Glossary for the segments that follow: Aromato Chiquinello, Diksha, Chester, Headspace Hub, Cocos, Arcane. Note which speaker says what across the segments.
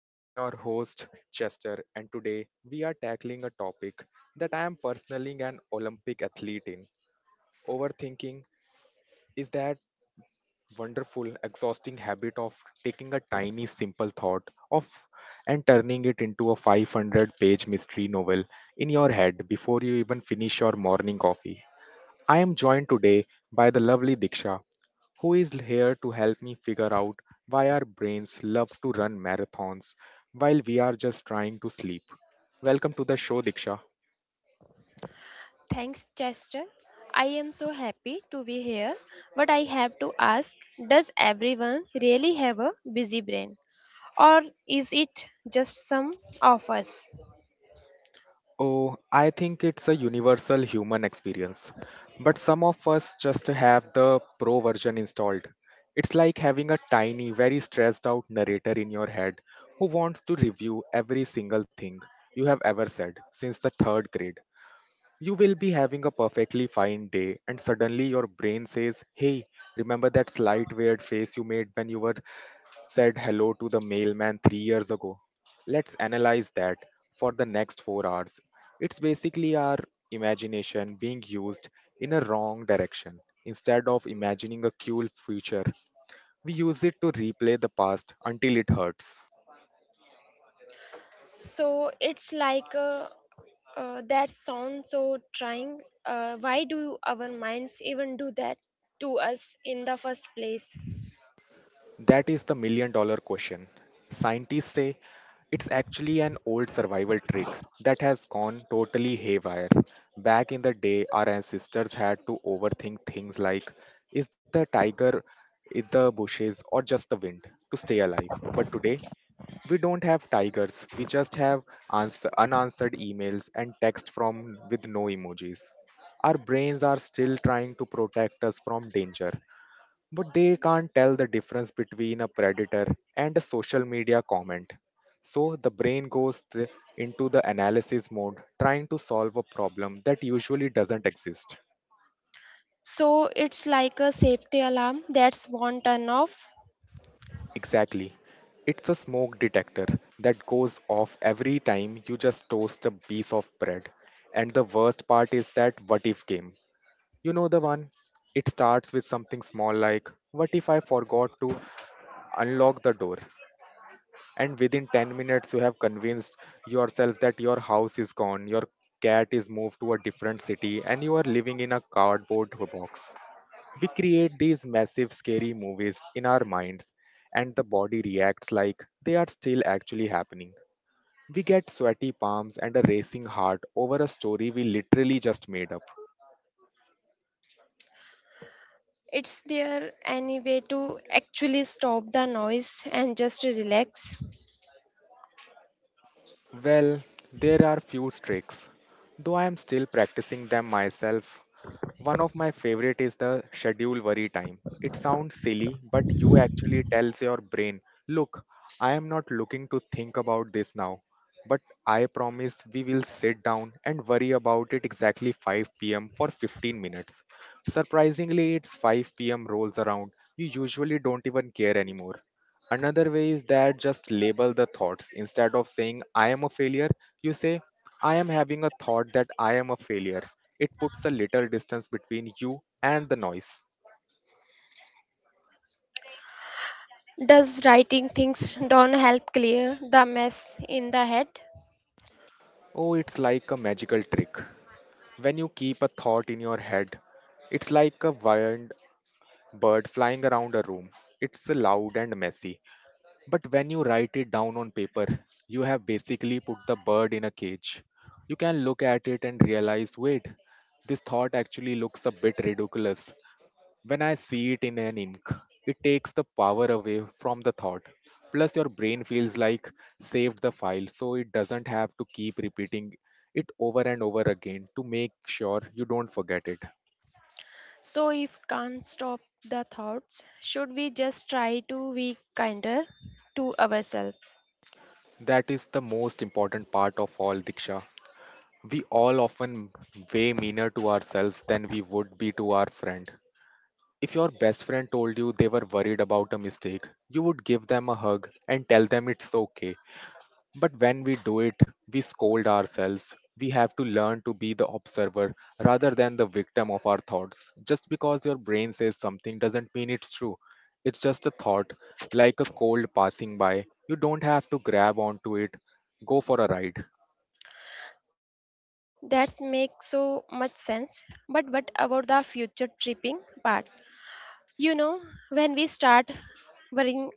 Speaker 1: I am your host Chester, and today we are tackling a topic that I am personally an Olympic athlete in. Overthinking is that wonderful, exhausting habit of taking a tiny simple thought of and turning it into a 500-page mystery novel in your head before you even finish your morning coffee. I am joined today by the lovely Diksha, who is here to help me figure out why our brains love to run marathons while we are just trying to sleep. Welcome to the show, Diksha.
Speaker 2: Thanks, Chester. I am so happy to be here, but I have to ask, does everyone really have a busy brain? Or is it just some of us?
Speaker 1: Oh, I think it's a universal human experience. But some of us just have the pro version installed. It's like having a tiny, very stressed out narrator in your head who wants to review every single thing you have ever said since the third grade. You will be having a perfectly fine day, and suddenly your brain says, hey, remember that slight weird face you made when you were said hello to the mailman 3 years ago? Let's analyze that for the next 4 hours. It's basically our imagination being used in a wrong direction. Instead of imagining a cool future, we use it to replay the past until it hurts.
Speaker 2: So it's like that sounds so trying. Why do our minds even do that to us in the first place?
Speaker 1: That is the million dollar question. Scientists say it's actually an old survival trick that has gone totally haywire. Back in the day, our ancestors had to overthink things like is the tiger in the bushes or just the wind to stay alive. But today, we don't have tigers, we just have unanswered emails and text from with no emojis. Our brains are still trying to protect us from danger, but they can't tell the difference between a predator and a social media comment. So the brain goes into the analysis mode, trying to solve a problem that usually doesn't exist.
Speaker 2: So it's like a safety alarm that's won't turn off.
Speaker 1: Exactly. It's a smoke detector that goes off every time you just toast a piece of bread. And the worst part is that what if game. You know the one? It starts with something small like, what if I forgot to unlock the door? And within 10 minutes you have convinced yourself that your house is gone, your cat is moved to a different city, and you are living in a cardboard box. We create these massive scary movies in our minds, and the body reacts like they are still actually happening. We get sweaty palms and a racing heart over a story we literally just made up.
Speaker 2: It's there any way to actually stop the noise and just relax?
Speaker 1: Well, there are few tricks, though I am still practicing them myself. One of my favorite is the schedule worry time. It sounds silly, but you actually tells your brain, look, I am not looking to think about this now, but I promise we will sit down and worry about it exactly 5 p.m. for 15 minutes. Surprisingly, it's 5 p.m. rolls around. You usually don't even care anymore. Another way is that just label the thoughts. Instead of saying, I am a failure, you say, I am having a thought that I am a failure. It puts a little distance between you and the noise.
Speaker 2: Does writing things down help clear the mess in the head?
Speaker 1: Oh, it's like a magical trick. When you keep a thought in your head, it's like a wild bird flying around a room. It's loud and messy. But when you write it down on paper, you have basically put the bird in a cage. You can look at it and realize wait, this thought actually looks a bit ridiculous. When I see it in an ink, it takes the power away from the thought. Plus, your brain feels like saved the file, so it doesn't have to keep repeating it over and over again to make sure you don't forget it.
Speaker 2: So if can't stop the thoughts, should we just try to be kinder to ourselves?
Speaker 1: That is the most important part of all, Diksha. We all often way meaner to ourselves than we would be to our friend. If your best friend told you they were worried about a mistake, you would give them a hug and tell them it's okay. But when we do it, we scold ourselves. We have to learn to be the observer rather than the victim of our thoughts. Just because your brain says something doesn't mean it's true. It's just a thought, like a cold passing by. You don't have to grab onto it. Go for a ride.
Speaker 2: That makes so much sense. But what about the future tripping part? You know, when we start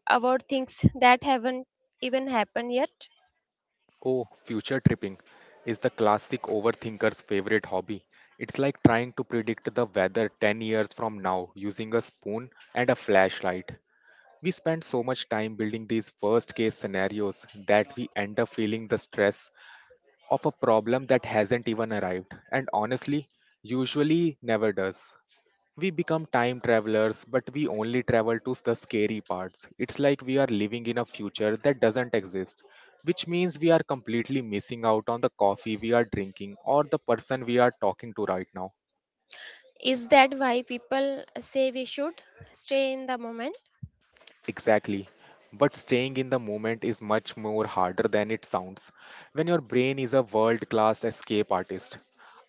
Speaker 2: worrying about things that haven't even happened yet,
Speaker 1: Oh, future tripping is the classic overthinker's favorite hobby. It's like trying to predict the weather 10 years from now using a spoon and a flashlight. We spend so much time building these worst case scenarios that we end up feeling the stress of a problem that hasn't even arrived and honestly, usually never does. We become time travelers, but we only travel to the scary parts. It's like we are living in a future that doesn't exist, which means we are completely missing out on the coffee we are drinking or the person we are talking to right now.
Speaker 2: is that why people say we should stay in the moment?
Speaker 1: Exactly. But staying in the moment is much more harder than it sounds when your brain is a world class escape artist.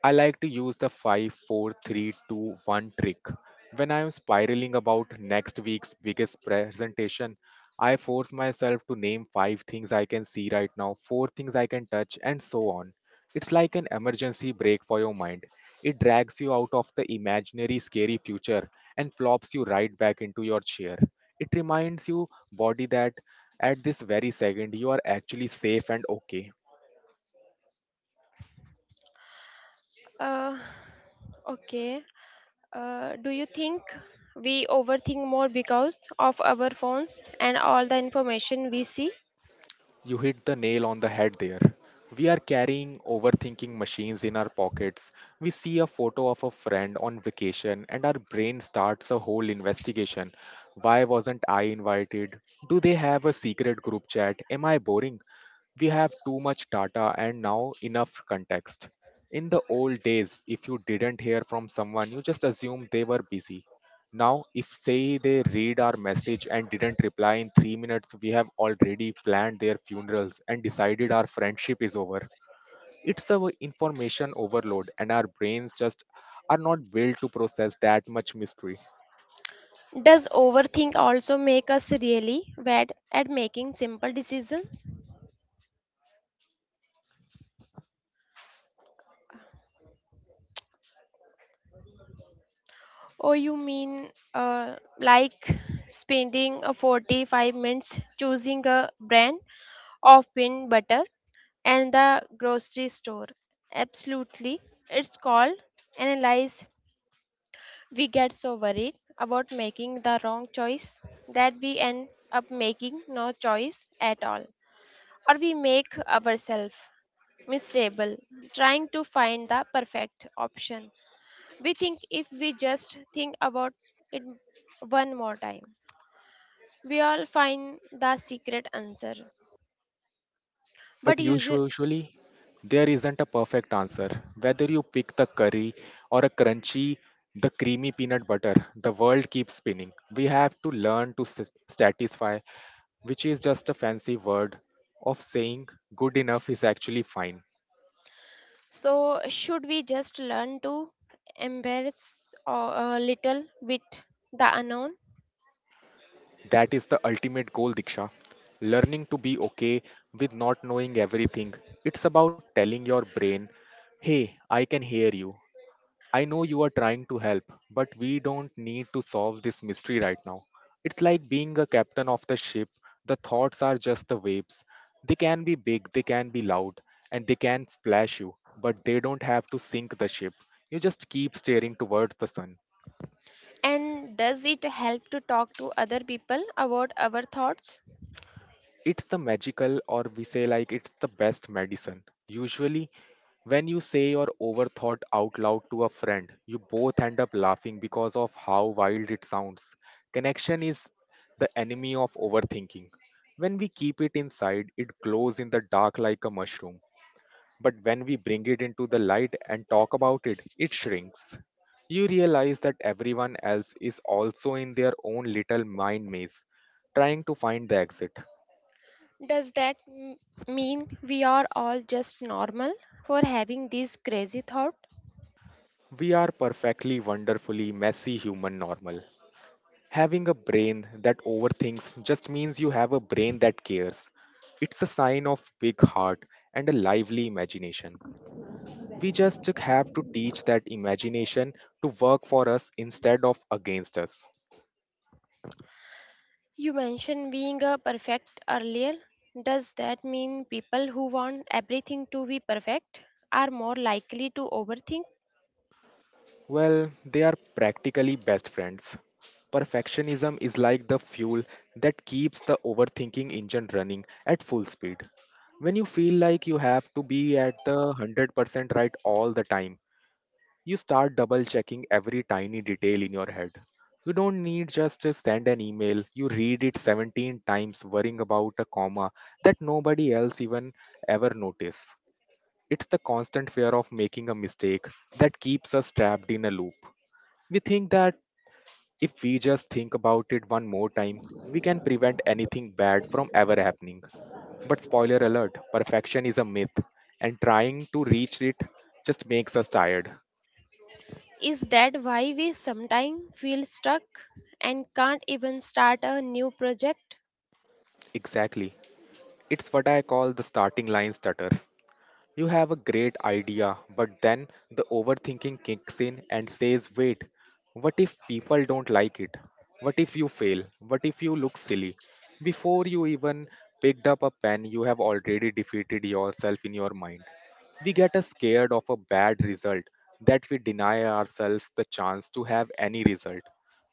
Speaker 1: I like to use the five, four, three, two, one trick. When I am spiraling about next week's biggest presentation, I force myself to name 5 things I can see right now, 4 things I can touch, and so on. It's like an emergency brake for your mind. It drags you out of the imaginary scary future and plops you right back into your chair. It reminds you body that at this very second you are actually safe and okay.
Speaker 2: Uh, okay. Do you think we overthink more because of our phones and all the information we see?
Speaker 1: You hit the nail on the head there. We are carrying overthinking machines in our pockets. We see a photo of a friend on vacation, and our brain starts a whole investigation. Why wasn't I invited? Do they have a secret group chat? Am I boring? We have too much data and now enough context. In the old days, if you didn't hear from someone, you just assumed they were busy. Now, if say they read our message and didn't reply in 3 minutes, we have already planned their funerals and decided our friendship is over. It's a information overload, and our brains just are not built to process that much mystery.
Speaker 2: Does overthink also make us really bad at making simple decisions? Or you mean uh, like spending 45 minutes choosing a brand of peanut butter and the grocery store? Absolutely. It's called analyze. We get so worried about making the wrong choice that we end up making no choice at all. Or we make ourselves miserable trying to find the perfect option. We think if we just think about it one more time, we all find the secret answer. But
Speaker 1: But
Speaker 2: usually,
Speaker 1: usu- usually, there isn't a perfect answer. Whether you pick the curry or a crunchy, the creamy peanut butter, the world keeps spinning. We have to learn to satisfy, which is just a fancy word of saying good enough is actually fine.
Speaker 2: so should we just learn to embrace a little bit the unknown?
Speaker 1: That is the ultimate goal, Diksha. Learning to be okay with not knowing everything. It's about telling your brain, hey, I can hear you. I know you are trying to help, but we don't need to solve this mystery right now. It's like being a captain of the ship. The thoughts are just the waves. They can be big, they can be loud, and they can splash you, but they don't have to sink the ship. You just keep staring towards the sun.
Speaker 2: And does it help to talk to other people about our thoughts?
Speaker 1: It's the magical, or we say like it's the best medicine. Usually, when you say your overthought out loud to a friend, you both end up laughing because of how wild it sounds. Connection is the enemy of overthinking. When we keep it inside, it glows in the dark like a mushroom. But when we bring it into the light and talk about it, it shrinks. You realize that everyone else is also in their own little mind maze, trying to find the exit.
Speaker 2: Does mean we are all just normal for having this crazy thought?
Speaker 1: We are perfectly, wonderfully messy human normal. Having a brain that overthinks just means you have a brain that cares. It's a sign of big heart and a lively imagination. We just have to teach that imagination to work for us instead of against us.
Speaker 2: You mentioned being a perfect earlier. Does that mean people who want everything to be perfect are more likely to overthink?
Speaker 1: Well, they are practically best friends. Perfectionism is like the fuel that keeps the overthinking engine running at full speed. When you feel like you have to be at the 100% right all the time, you start double checking every tiny detail in your head. You don't need just to send an email, you read it 17 times worrying about a comma that nobody else even ever notice. It's the constant fear of making a mistake that keeps us trapped in a loop. We think that if we just think about it one more time, we can prevent anything bad from ever happening. But spoiler alert, perfection is a myth, and trying to reach it just makes us tired.
Speaker 2: Is that why we sometimes feel stuck and can't even start a new project?
Speaker 1: Exactly. It's what I call the starting line stutter. You have a great idea, but then the overthinking kicks in and says, wait, what if people don't like it? What if you fail? What if you look silly? Before you even picked up a pen, you have already defeated yourself in your mind. We get a scared of a bad result that we deny ourselves the chance to have any result.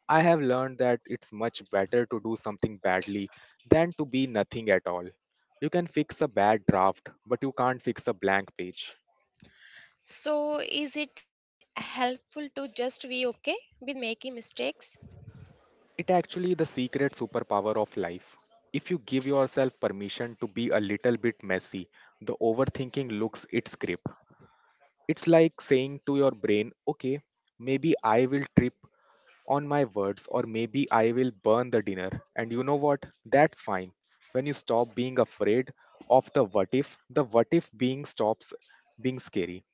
Speaker 1: I have learned that it's much better to do something badly than to be nothing at all. You can fix a bad draft, but you can't fix a blank page.
Speaker 2: So, is it helpful to just be okay with making mistakes?
Speaker 1: It actually the secret superpower of life. If you give yourself permission to be a little bit messy, the overthinking looks its grip. It's like saying to your brain, okay, maybe I will trip on my words or maybe I will burn the dinner. And you know what? That's fine. When you stop being afraid of the what if being stops being scary.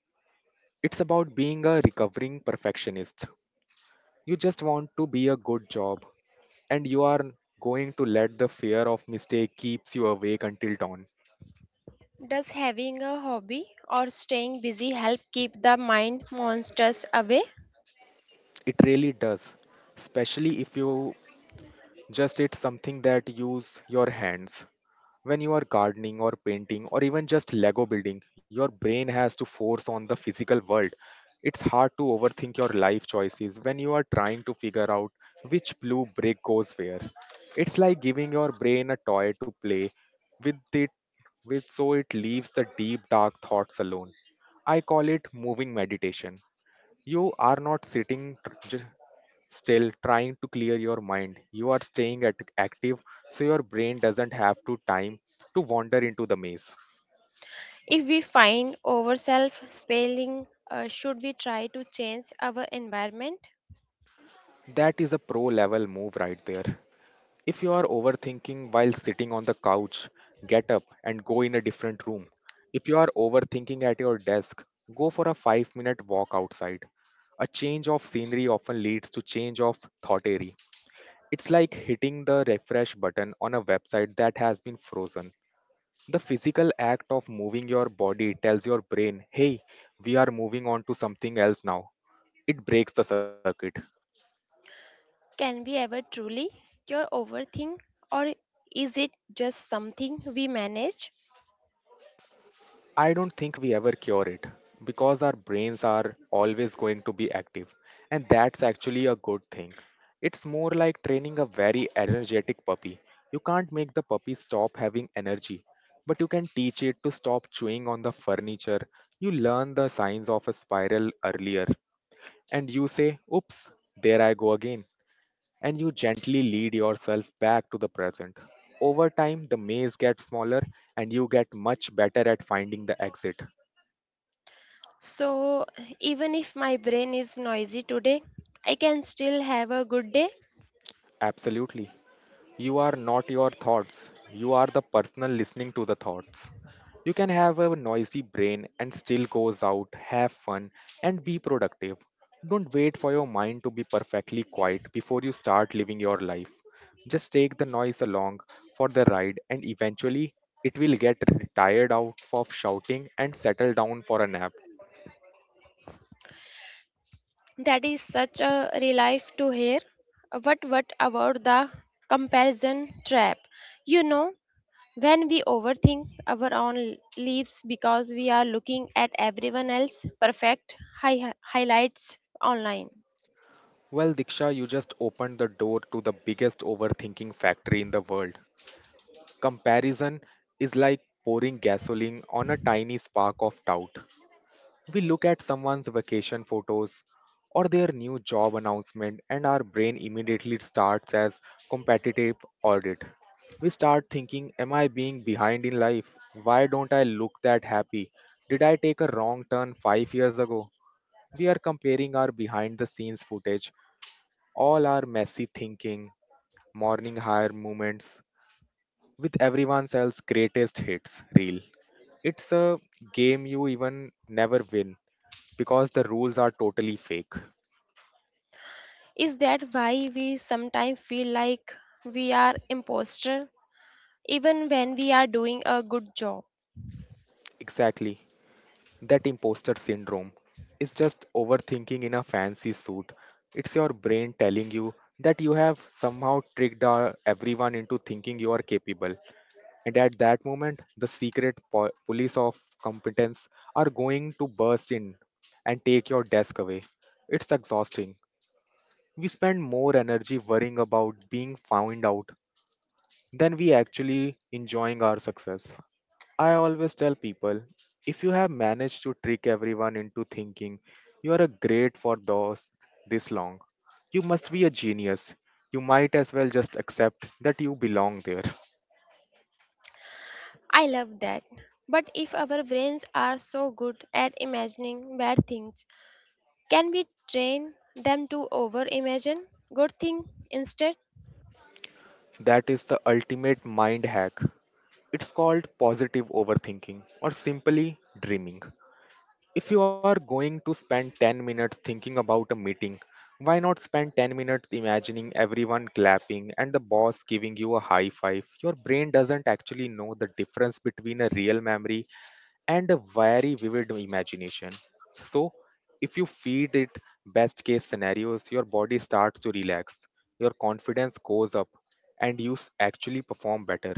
Speaker 1: It's about being a recovering perfectionist. You just want to be a good job, and you are going to let the fear of mistake keeps you awake until dawn.
Speaker 2: Does having a hobby or staying busy help keep the mind monsters away?
Speaker 1: It really does, especially if you just it's something that use your hands. When you are gardening or painting or even just Lego building, your brain has to force on the physical world. It's hard to overthink your life choices when you are trying to figure out which blue brick goes where. It's like giving your brain a toy to play with it with so it leaves the deep dark thoughts alone. I call it moving meditation. You are not sitting still trying to clear your mind. You are staying at active so your brain doesn't have to time to wander into the maze.
Speaker 2: If we find ourselves spelling, should we try to change our environment?
Speaker 1: That is a pro level move right there. If you are overthinking while sitting on the couch, get up and go in a different room. If you are overthinking at your desk, go for a 5-minute walk outside. A change of scenery often leads to change of thought area. It's like hitting the refresh button on a website that has been frozen. The physical act of moving your body tells your brain, hey, we are moving on to something else now. It breaks the circuit.
Speaker 2: Can we ever truly cure overthink, or is it just something we manage?
Speaker 1: I don't think we ever cure it because our brains are always going to be active, and that's actually a good thing. It's more like training a very energetic puppy. You can't make the puppy stop having energy, but you can teach it to stop chewing on the furniture. You learn the signs of a spiral earlier, and you say, oops, there I go again, and you gently lead yourself back to the present. Over time, the maze gets smaller and you get much better at finding the exit.
Speaker 2: So, even if my brain is noisy today, I can still have a good day.
Speaker 1: Absolutely. You are not your thoughts, you are the person listening to the thoughts. You can have a noisy brain and still goes out, have fun, and be productive. Don't wait for your mind to be perfectly quiet before you start living your life. Just take the noise along for the ride, and eventually it will get tired out of shouting and settle down for a nap.
Speaker 2: That is such a relief to hear. But what about the comparison trap? You know, when we overthink our own lives because we are looking at everyone else's perfect highlights online.
Speaker 1: Well, Diksha, you just opened the door to the biggest overthinking factory in the world. Comparison is like pouring gasoline on a tiny spark of doubt. We look at someone's vacation photos or their new job announcement, and our brain immediately starts as competitive audit. We start thinking, am I being behind in life? Why don't I look that happy? Did I take a wrong turn 5 years ago? We are comparing our behind the scenes footage, all our messy thinking, morning hire moments, with everyone else's greatest hits reel. It's a game you even never win because the rules are totally fake.
Speaker 2: Is that why we sometimes feel like we are imposter even when we are doing a good job?
Speaker 1: Exactly. That imposter syndrome is just overthinking in a fancy suit. It's your brain telling you that you have somehow tricked everyone into thinking you are capable. And at that moment, the secret police of competence are going to burst in and take your desk away. It's exhausting. We spend more energy worrying about being found out than we actually enjoying our success. I always tell people, if you have managed to trick everyone into thinking you are a great for those this long, you must be a genius. You might as well just accept that you belong there.
Speaker 2: I love that. But if our brains are so good at imagining bad things, can we train them to over imagine good thing instead?
Speaker 1: That is the ultimate mind hack. It's called positive overthinking or simply dreaming. If you are going to spend 10 minutes thinking about a meeting, why not spend 10 minutes imagining everyone clapping and the boss giving you a high five? Your brain doesn't actually know the difference between a real memory and a very vivid imagination. So, if you feed it best case scenarios, your body starts to relax, your confidence goes up, and you actually perform better.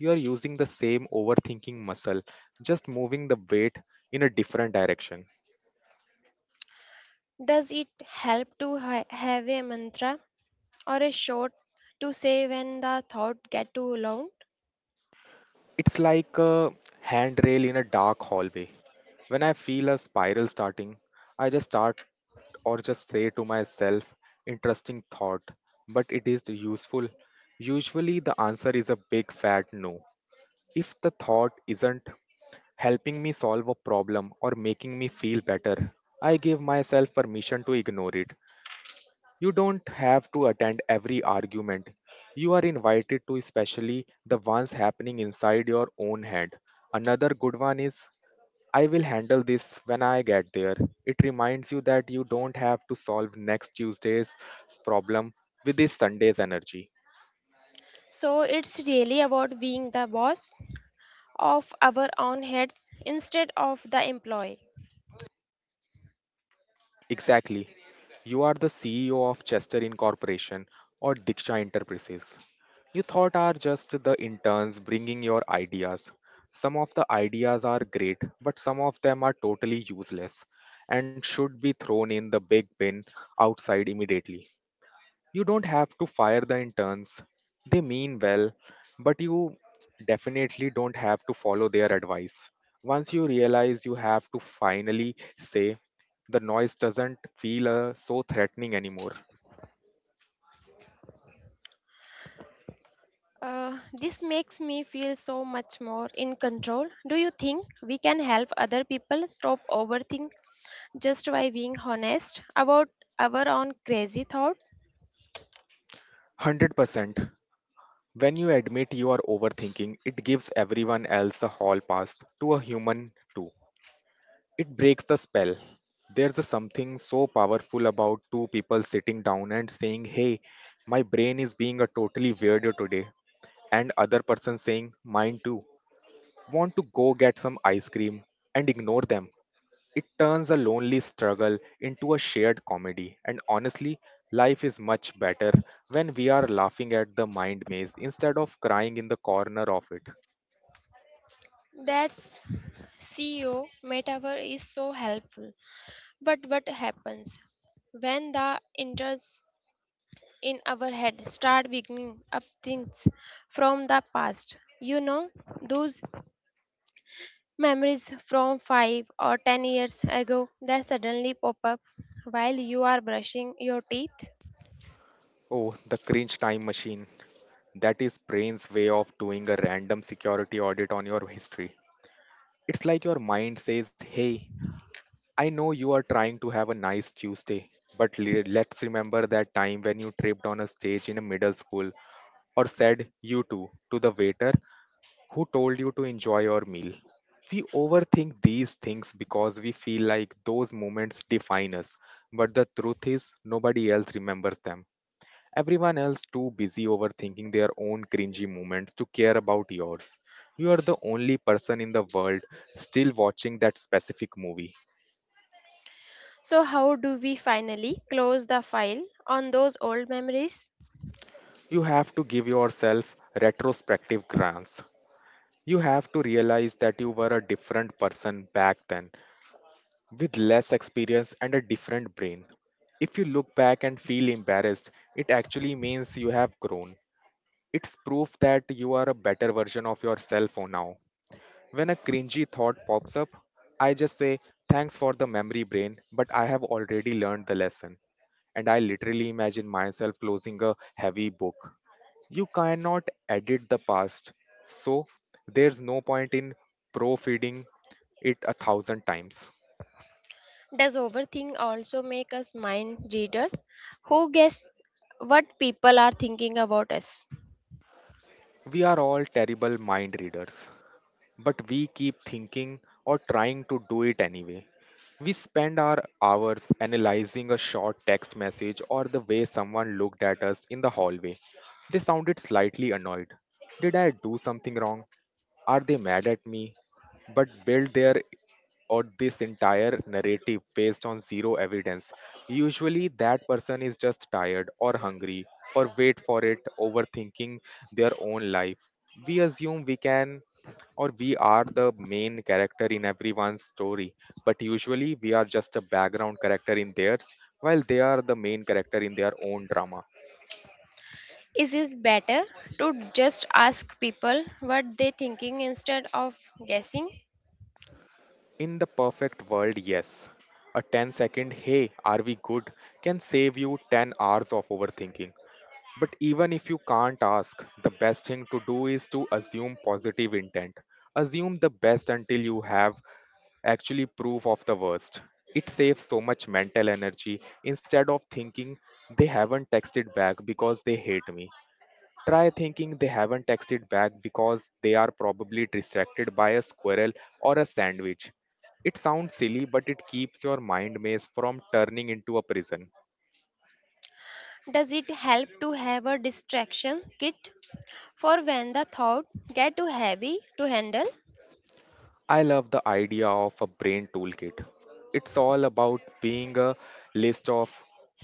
Speaker 1: You are using the same overthinking muscle, just moving the weight in a different direction.
Speaker 2: Does it help to have a mantra or a short to say when the thought get too long?
Speaker 1: It's like a handrail in a dark hallway. When I feel a spiral starting, I just start or just say to myself, interesting thought, but it is useful. Usually, the answer is a big fat no. If the thought isn't helping me solve a problem or making me feel better, I give myself permission to ignore it. You don't have to attend every argument. You are invited to, especially the ones happening inside your own head. Another good one is, I will handle this when I get there. It reminds you that you don't have to solve next Tuesday's problem with this Sunday's energy.
Speaker 2: So it's really about being the boss of our own heads instead of the employee.
Speaker 1: Exactly. You are the CEO of Chester Incorporation or Diksha Enterprises. You thought are just the interns bringing your ideas. Some of the ideas are great, but some of them are totally useless and should be thrown in the big bin outside immediately. You don't have to fire the interns. They mean well, but you definitely don't have to follow their advice. Once you realize you have to finally say, the noise doesn't feel so threatening anymore.
Speaker 2: Uh, this makes me feel so much more in control. Do you think we can help other people stop overthink just by being honest about our own crazy thoughts?
Speaker 1: 100%. When you admit you are overthinking, it gives everyone else a hall pass to a human too. It breaks the spell. There's a something so powerful about two people sitting down and saying, hey, my brain is being a totally weirdo today, and other person saying mine too, want to go get some ice cream and ignore them. It turns a lonely struggle into a shared comedy. And honestly, life is much better when we are laughing at the mind maze instead of crying in the corner of it.
Speaker 2: That's CEO metaphor is so helpful. But what happens when the enters in our head start beginning up things from the past? You know, those memories from 5 or 10 years ago that suddenly pop up while you are brushing your teeth.
Speaker 1: Oh, the cringe time machine. That is brain's way of doing a random security audit on your history. It's like your mind says, hey, I know you are trying to have a nice Tuesday, but let's remember that time when you tripped on a stage in a middle school or said you too to the waiter who told you to enjoy your meal. We overthink these things because we feel like those moments define us, but the truth is nobody else remembers them. Everyone else too busy overthinking their own cringy moments to care about yours. You are the only person in the world still watching that specific movie.
Speaker 2: So, how do we finally close the file on those old memories?
Speaker 1: You have to give yourself retrospective grants. You have to realize that you were a different person back then, with less experience and a different brain. If you look back and feel embarrassed, it actually means you have grown. It's proof that you are a better version of yourself for now. When a cringy thought pops up, I just say, thanks for the memory brain, but I have already learned the lesson, and I literally imagine myself closing a heavy book. You cannot edit the past, so there's no point in pro feeding it a thousand times.
Speaker 2: Does overthink also make us mind readers who guess what people are thinking about us?
Speaker 1: We are all terrible mind readers, but we keep thinking or trying to do it anyway. We spend our hours analyzing a short text message or the way someone looked at us in the hallway. They sounded slightly annoyed. Did I do something wrong? Are they mad at me? But build their or this entire narrative based on zero evidence. Usually, that person is just tired or hungry or wait for it, overthinking their own life. We assume we can or we are the main character in everyone's story, but usually we are just a background character in theirs, while they are the main character in their own drama.
Speaker 2: Is it better to just ask people what they're thinking instead of guessing?
Speaker 1: In the perfect world, yes. A 10-second, hey, are we good, can save you 10 hours of overthinking. But even if you can't ask, the best thing to do is to assume positive intent. Assume the best until you have actually proof of the worst. It saves so much mental energy instead of thinking they haven't texted back because they hate me. Try thinking they haven't texted back because they are probably distracted by a squirrel or a sandwich. It sounds silly, but it keeps your mind maze from turning into a prison.
Speaker 2: Does it help to have a distraction kit for when the thought get too heavy to handle?
Speaker 1: I love the idea of a brain toolkit. It's all about being a list of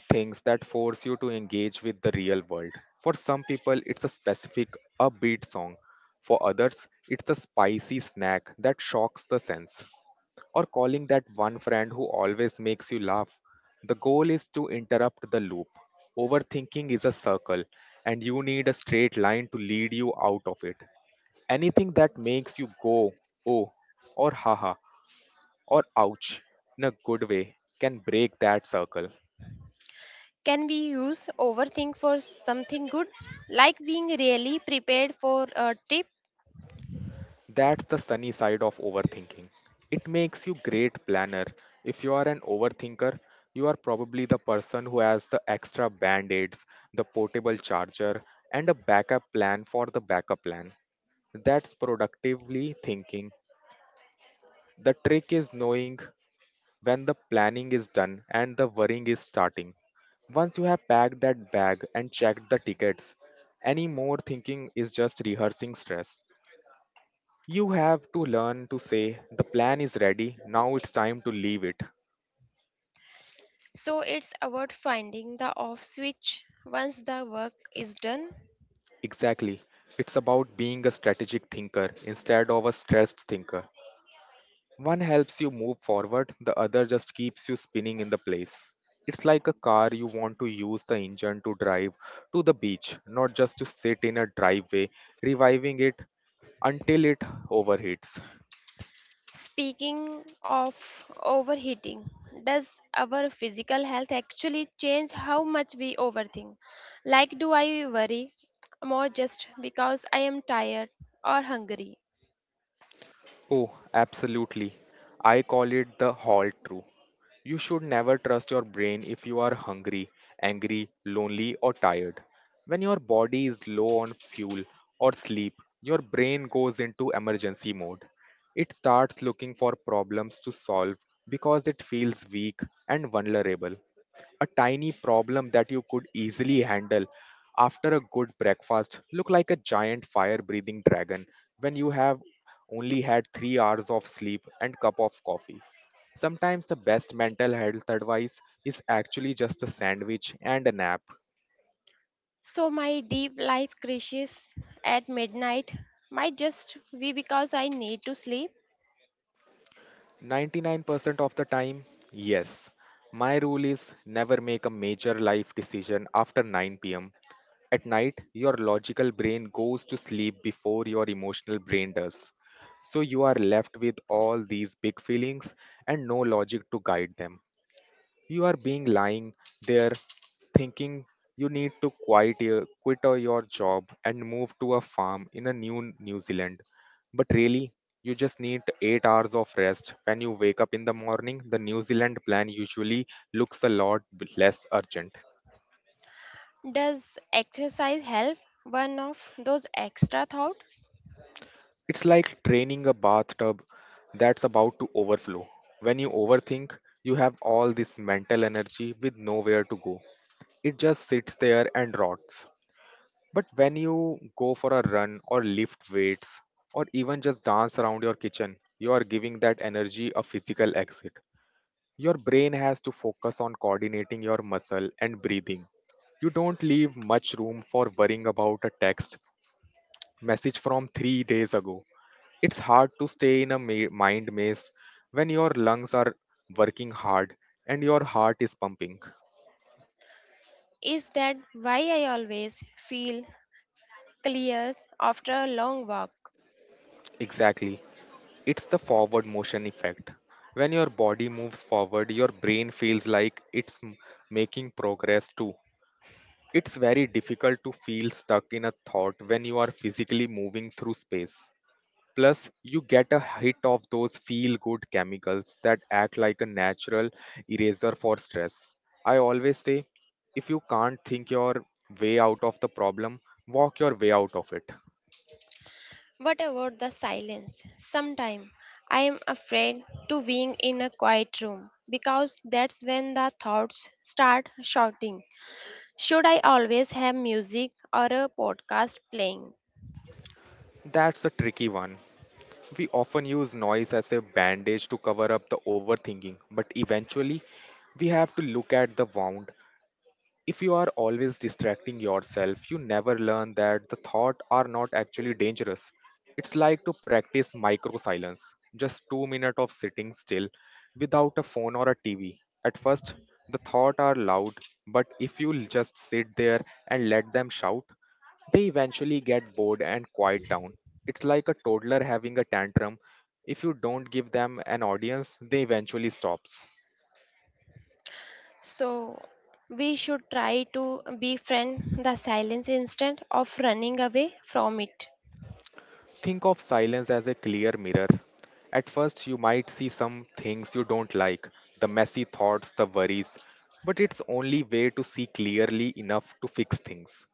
Speaker 1: things that force you to engage with the real world. For some people, it's a specific upbeat song. For others, it's a spicy snack that shocks the sense, or calling that one friend who always makes you laugh. The goal is to interrupt the loop. Overthinking is a circle, and you need a straight line to lead you out of it. Anything that makes you go, oh, or haha, or ouch in a good way can break that circle.
Speaker 2: Can we use overthink for something good like being really prepared for a trip?
Speaker 1: That's the sunny side of overthinking. It makes you great planner. If you are an overthinker, you are probably the person who has the extra band-aids, the portable charger, and a backup plan for the backup plan. That's productively thinking. The trick is knowing when the planning is done and the worrying is starting. Once you have packed that bag and checked the tickets, any more thinking is just rehearsing stress. You have to learn to say, the plan is ready, now it's time to leave it.
Speaker 2: So it's about finding the off switch once the work is done.
Speaker 1: Exactly. It's about being a strategic thinker instead of a stressed thinker. One helps you move forward, the other just keeps you spinning in the place. It's like a car you want to use the engine to drive to the beach, not just to sit in a driveway, reviving it until it overheats.
Speaker 2: Speaking of overheating, does our physical health actually change how much we overthink? Like, do I worry more just because I am tired or hungry?
Speaker 1: Oh, absolutely. I call it the hall true. You should never trust your brain if you are hungry, angry, lonely, or tired. When your body is low on fuel or sleep, your brain goes into emergency mode. It starts looking for problems to solve because it feels weak and vulnerable. A tiny problem that you could easily handle after a good breakfast look like a giant fire breathing dragon when you have only had 3 hours of sleep and cup of coffee. Sometimes the best mental health advice is actually just a sandwich and a nap.
Speaker 2: So, my deep life crashes at midnight might just be because I need to sleep.
Speaker 1: 99% of the time, yes. My rule is never make a major life decision after 9 pm. At night, your logical brain goes to sleep before your emotional brain does. So you are left with all these big feelings and no logic to guide them. You are being lying there thinking you need to quit your, quit or your job and move to a farm in a New Zealand. But really, you just need 8 hours of rest. When you wake up in the morning, the New Zealand plan usually looks a lot less urgent.
Speaker 2: Does exercise help? One of those extra thought
Speaker 1: It's like training a bathtub that's about to overflow. When you overthink, you have all this mental energy with nowhere to go. It just sits there and rots. But when you go for a run or lift weights or even just dance around your kitchen, you are giving that energy a physical exit. Your brain has to focus on coordinating your muscle and breathing. You don't leave much room for worrying about a text message from 3 days ago. It's hard to stay in a mind maze when your lungs are working hard and your heart is pumping.
Speaker 2: is that why I always feel clears after a long walk.
Speaker 1: Exactly. It's the forward motion effect. When your body moves forward, your brain feels like it's making progress too. It's very difficult to feel stuck in a thought when you are physically moving through space. Plus, you get a hit of those feel good chemicals that act like a natural eraser for stress. I always say if you can't think your way out of the problem, walk your way out of it.
Speaker 2: What about the silence? Sometimes I am afraid to being in a quiet room because that's when the thoughts start shouting. Should I always have music or a podcast playing?
Speaker 1: That's a tricky one. We often use noise as a bandage to cover up the overthinking, but eventually we have to look at the wound. If you are always distracting yourself, you never learn that the thought are not actually dangerous. It's like to practice micro silence, just 2 minutes of sitting still without a phone or a TV. At first, the thought are loud, but if you just sit there and let them shout, they eventually get bored and quiet down. It's like a toddler having a tantrum. If you don't give them an audience, they eventually stops.
Speaker 2: So we should try to befriend the silence instead of running away from it.
Speaker 1: Think of silence as a clear mirror. At first, you might see some things you don't like, the messy thoughts, the worries, but it's only way to see clearly enough to fix things.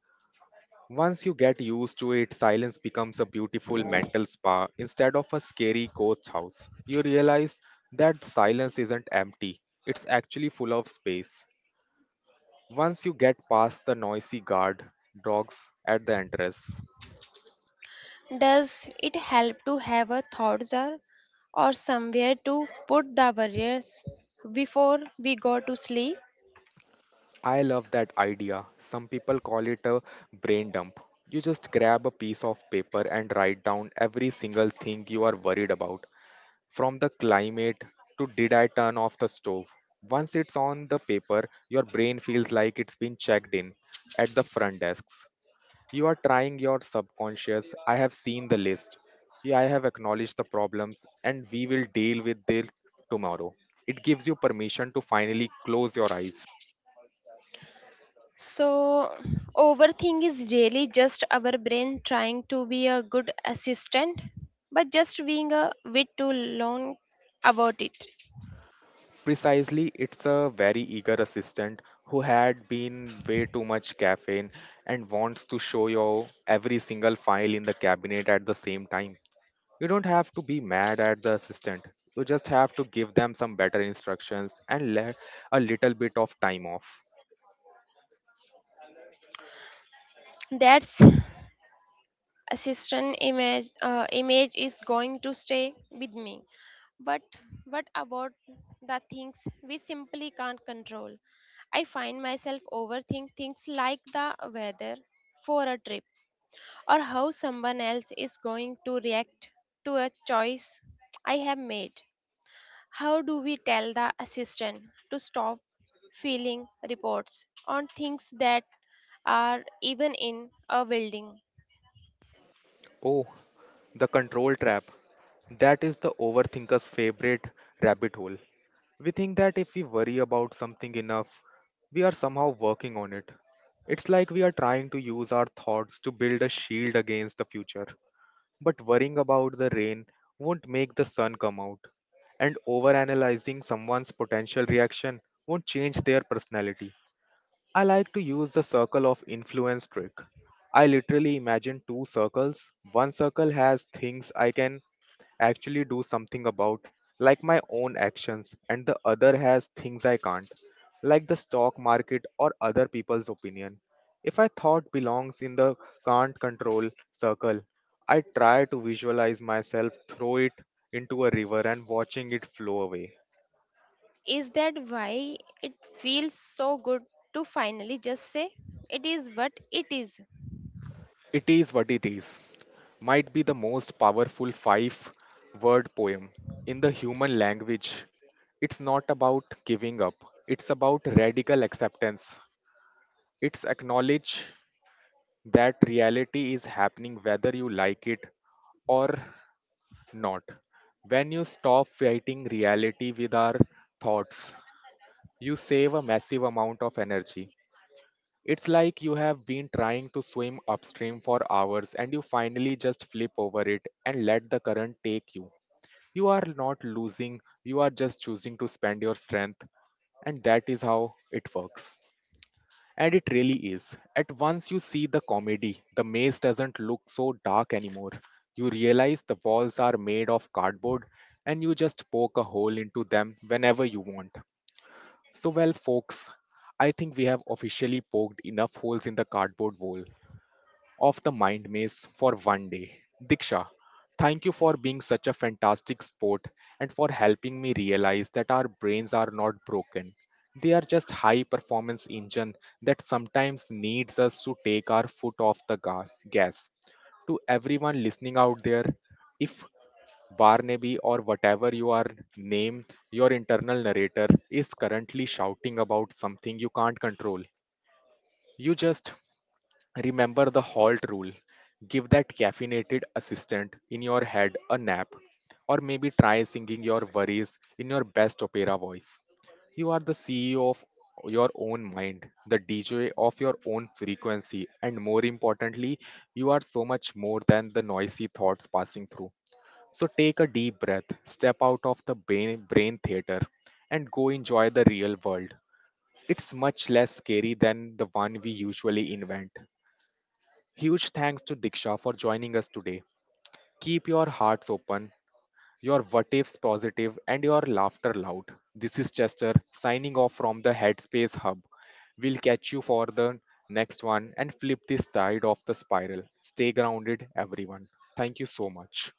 Speaker 1: Once you get used to it, silence becomes a beautiful mental spa instead of a scary ghost house. You realize that silence isn't empty, it's actually full of space. Once you get past the noisy guard dogs at the entrance.
Speaker 2: Does it help to have a thoughts or, somewhere to put the barriers before we go to sleep?
Speaker 1: I love that idea. Some people call it a brain dump. You just grab a piece of paper and write down every single thing you are worried about, from the climate to did I turn off the stove. Once it's on the paper, your brain feels like it's been checked in at the front desks. You are trying your subconscious. I have seen the list. Yeah, I have acknowledged the problems and we will deal with them tomorrow. It gives you permission to finally close your eyes.
Speaker 2: So, overthink is really just our brain trying to be a good assistant, but just being a bit too long about it.
Speaker 1: Precisely, it's a very eager assistant who had been way too much caffeine and wants to show you every single file in the cabinet at the same time. You don't have to be mad at the assistant. You just have to give them some better instructions and let a little bit of time off.
Speaker 2: That's assistant image is going to stay with me. But what about the things we simply can't control? I find myself overthink things like the weather for a trip or how someone else is going to react to a choice I have made. How do we tell the assistant to stop filling reports on things that are even in a building?
Speaker 1: Oh, the control trap. That is the overthinker's favorite rabbit hole. We think that if we worry about something enough, we are somehow working on it. It's like we are trying to use our thoughts to build a shield against the future. But worrying about the rain won't make the sun come out, and overanalyzing someone's potential reaction won't change their personality. I like to use the circle of influence trick. I literally imagine two circles. One circle has things I can actually do something about, like my own actions, and the other has things I can't, like the stock market or other people's opinion. If I thought belongs in the can't control circle, I try to visualize myself throw it into a river and watching it flow away.
Speaker 2: Is that why it feels so good to finally just say it is what it is?
Speaker 1: It is what it is might be the most powerful five word poem in the human language. It's not about giving up, it's about radical acceptance. It's acknowledge that reality is happening whether you like it or not. When you stop fighting reality with our thoughts, you save a massive amount of energy. It's like you have been trying to swim upstream for hours and you finally just flip over it and let the current take you. You are not losing, you are just choosing to spend your strength, and that is how it works. And it really is. At once you see the comedy, the maze doesn't look so dark anymore. You realize the walls are made of cardboard and you just poke a hole into them whenever you want. So folks, I think we have officially poked enough holes in the cardboard wall of the mind maze for 1 day. Diksha, thank you for being such a fantastic sport and for helping me realize that our brains are not broken. They are just high performance engine that sometimes needs us to take our foot off the gas. To everyone listening out there, if Barnaby or whatever your name, your internal narrator is currently shouting about something you can't control. You just Remember the halt rule. Give that caffeinated assistant in your head a nap, or maybe try singing your worries in your best opera voice. You are the CEO of your own mind, the DJ of your own frequency, and more importantly, you are so much more than the noisy thoughts passing through. So take a deep breath, step out of the brain theater, and go enjoy the real world. It's much less scary than the one we usually invent. Huge thanks to Diksha for joining us today. Keep your hearts open, your what ifs positive, and your laughter loud. This is Chester signing off from the Headspace Hub. We'll catch you for the next one and flip this tide of the spiral. Stay grounded, everyone. Thank you so much.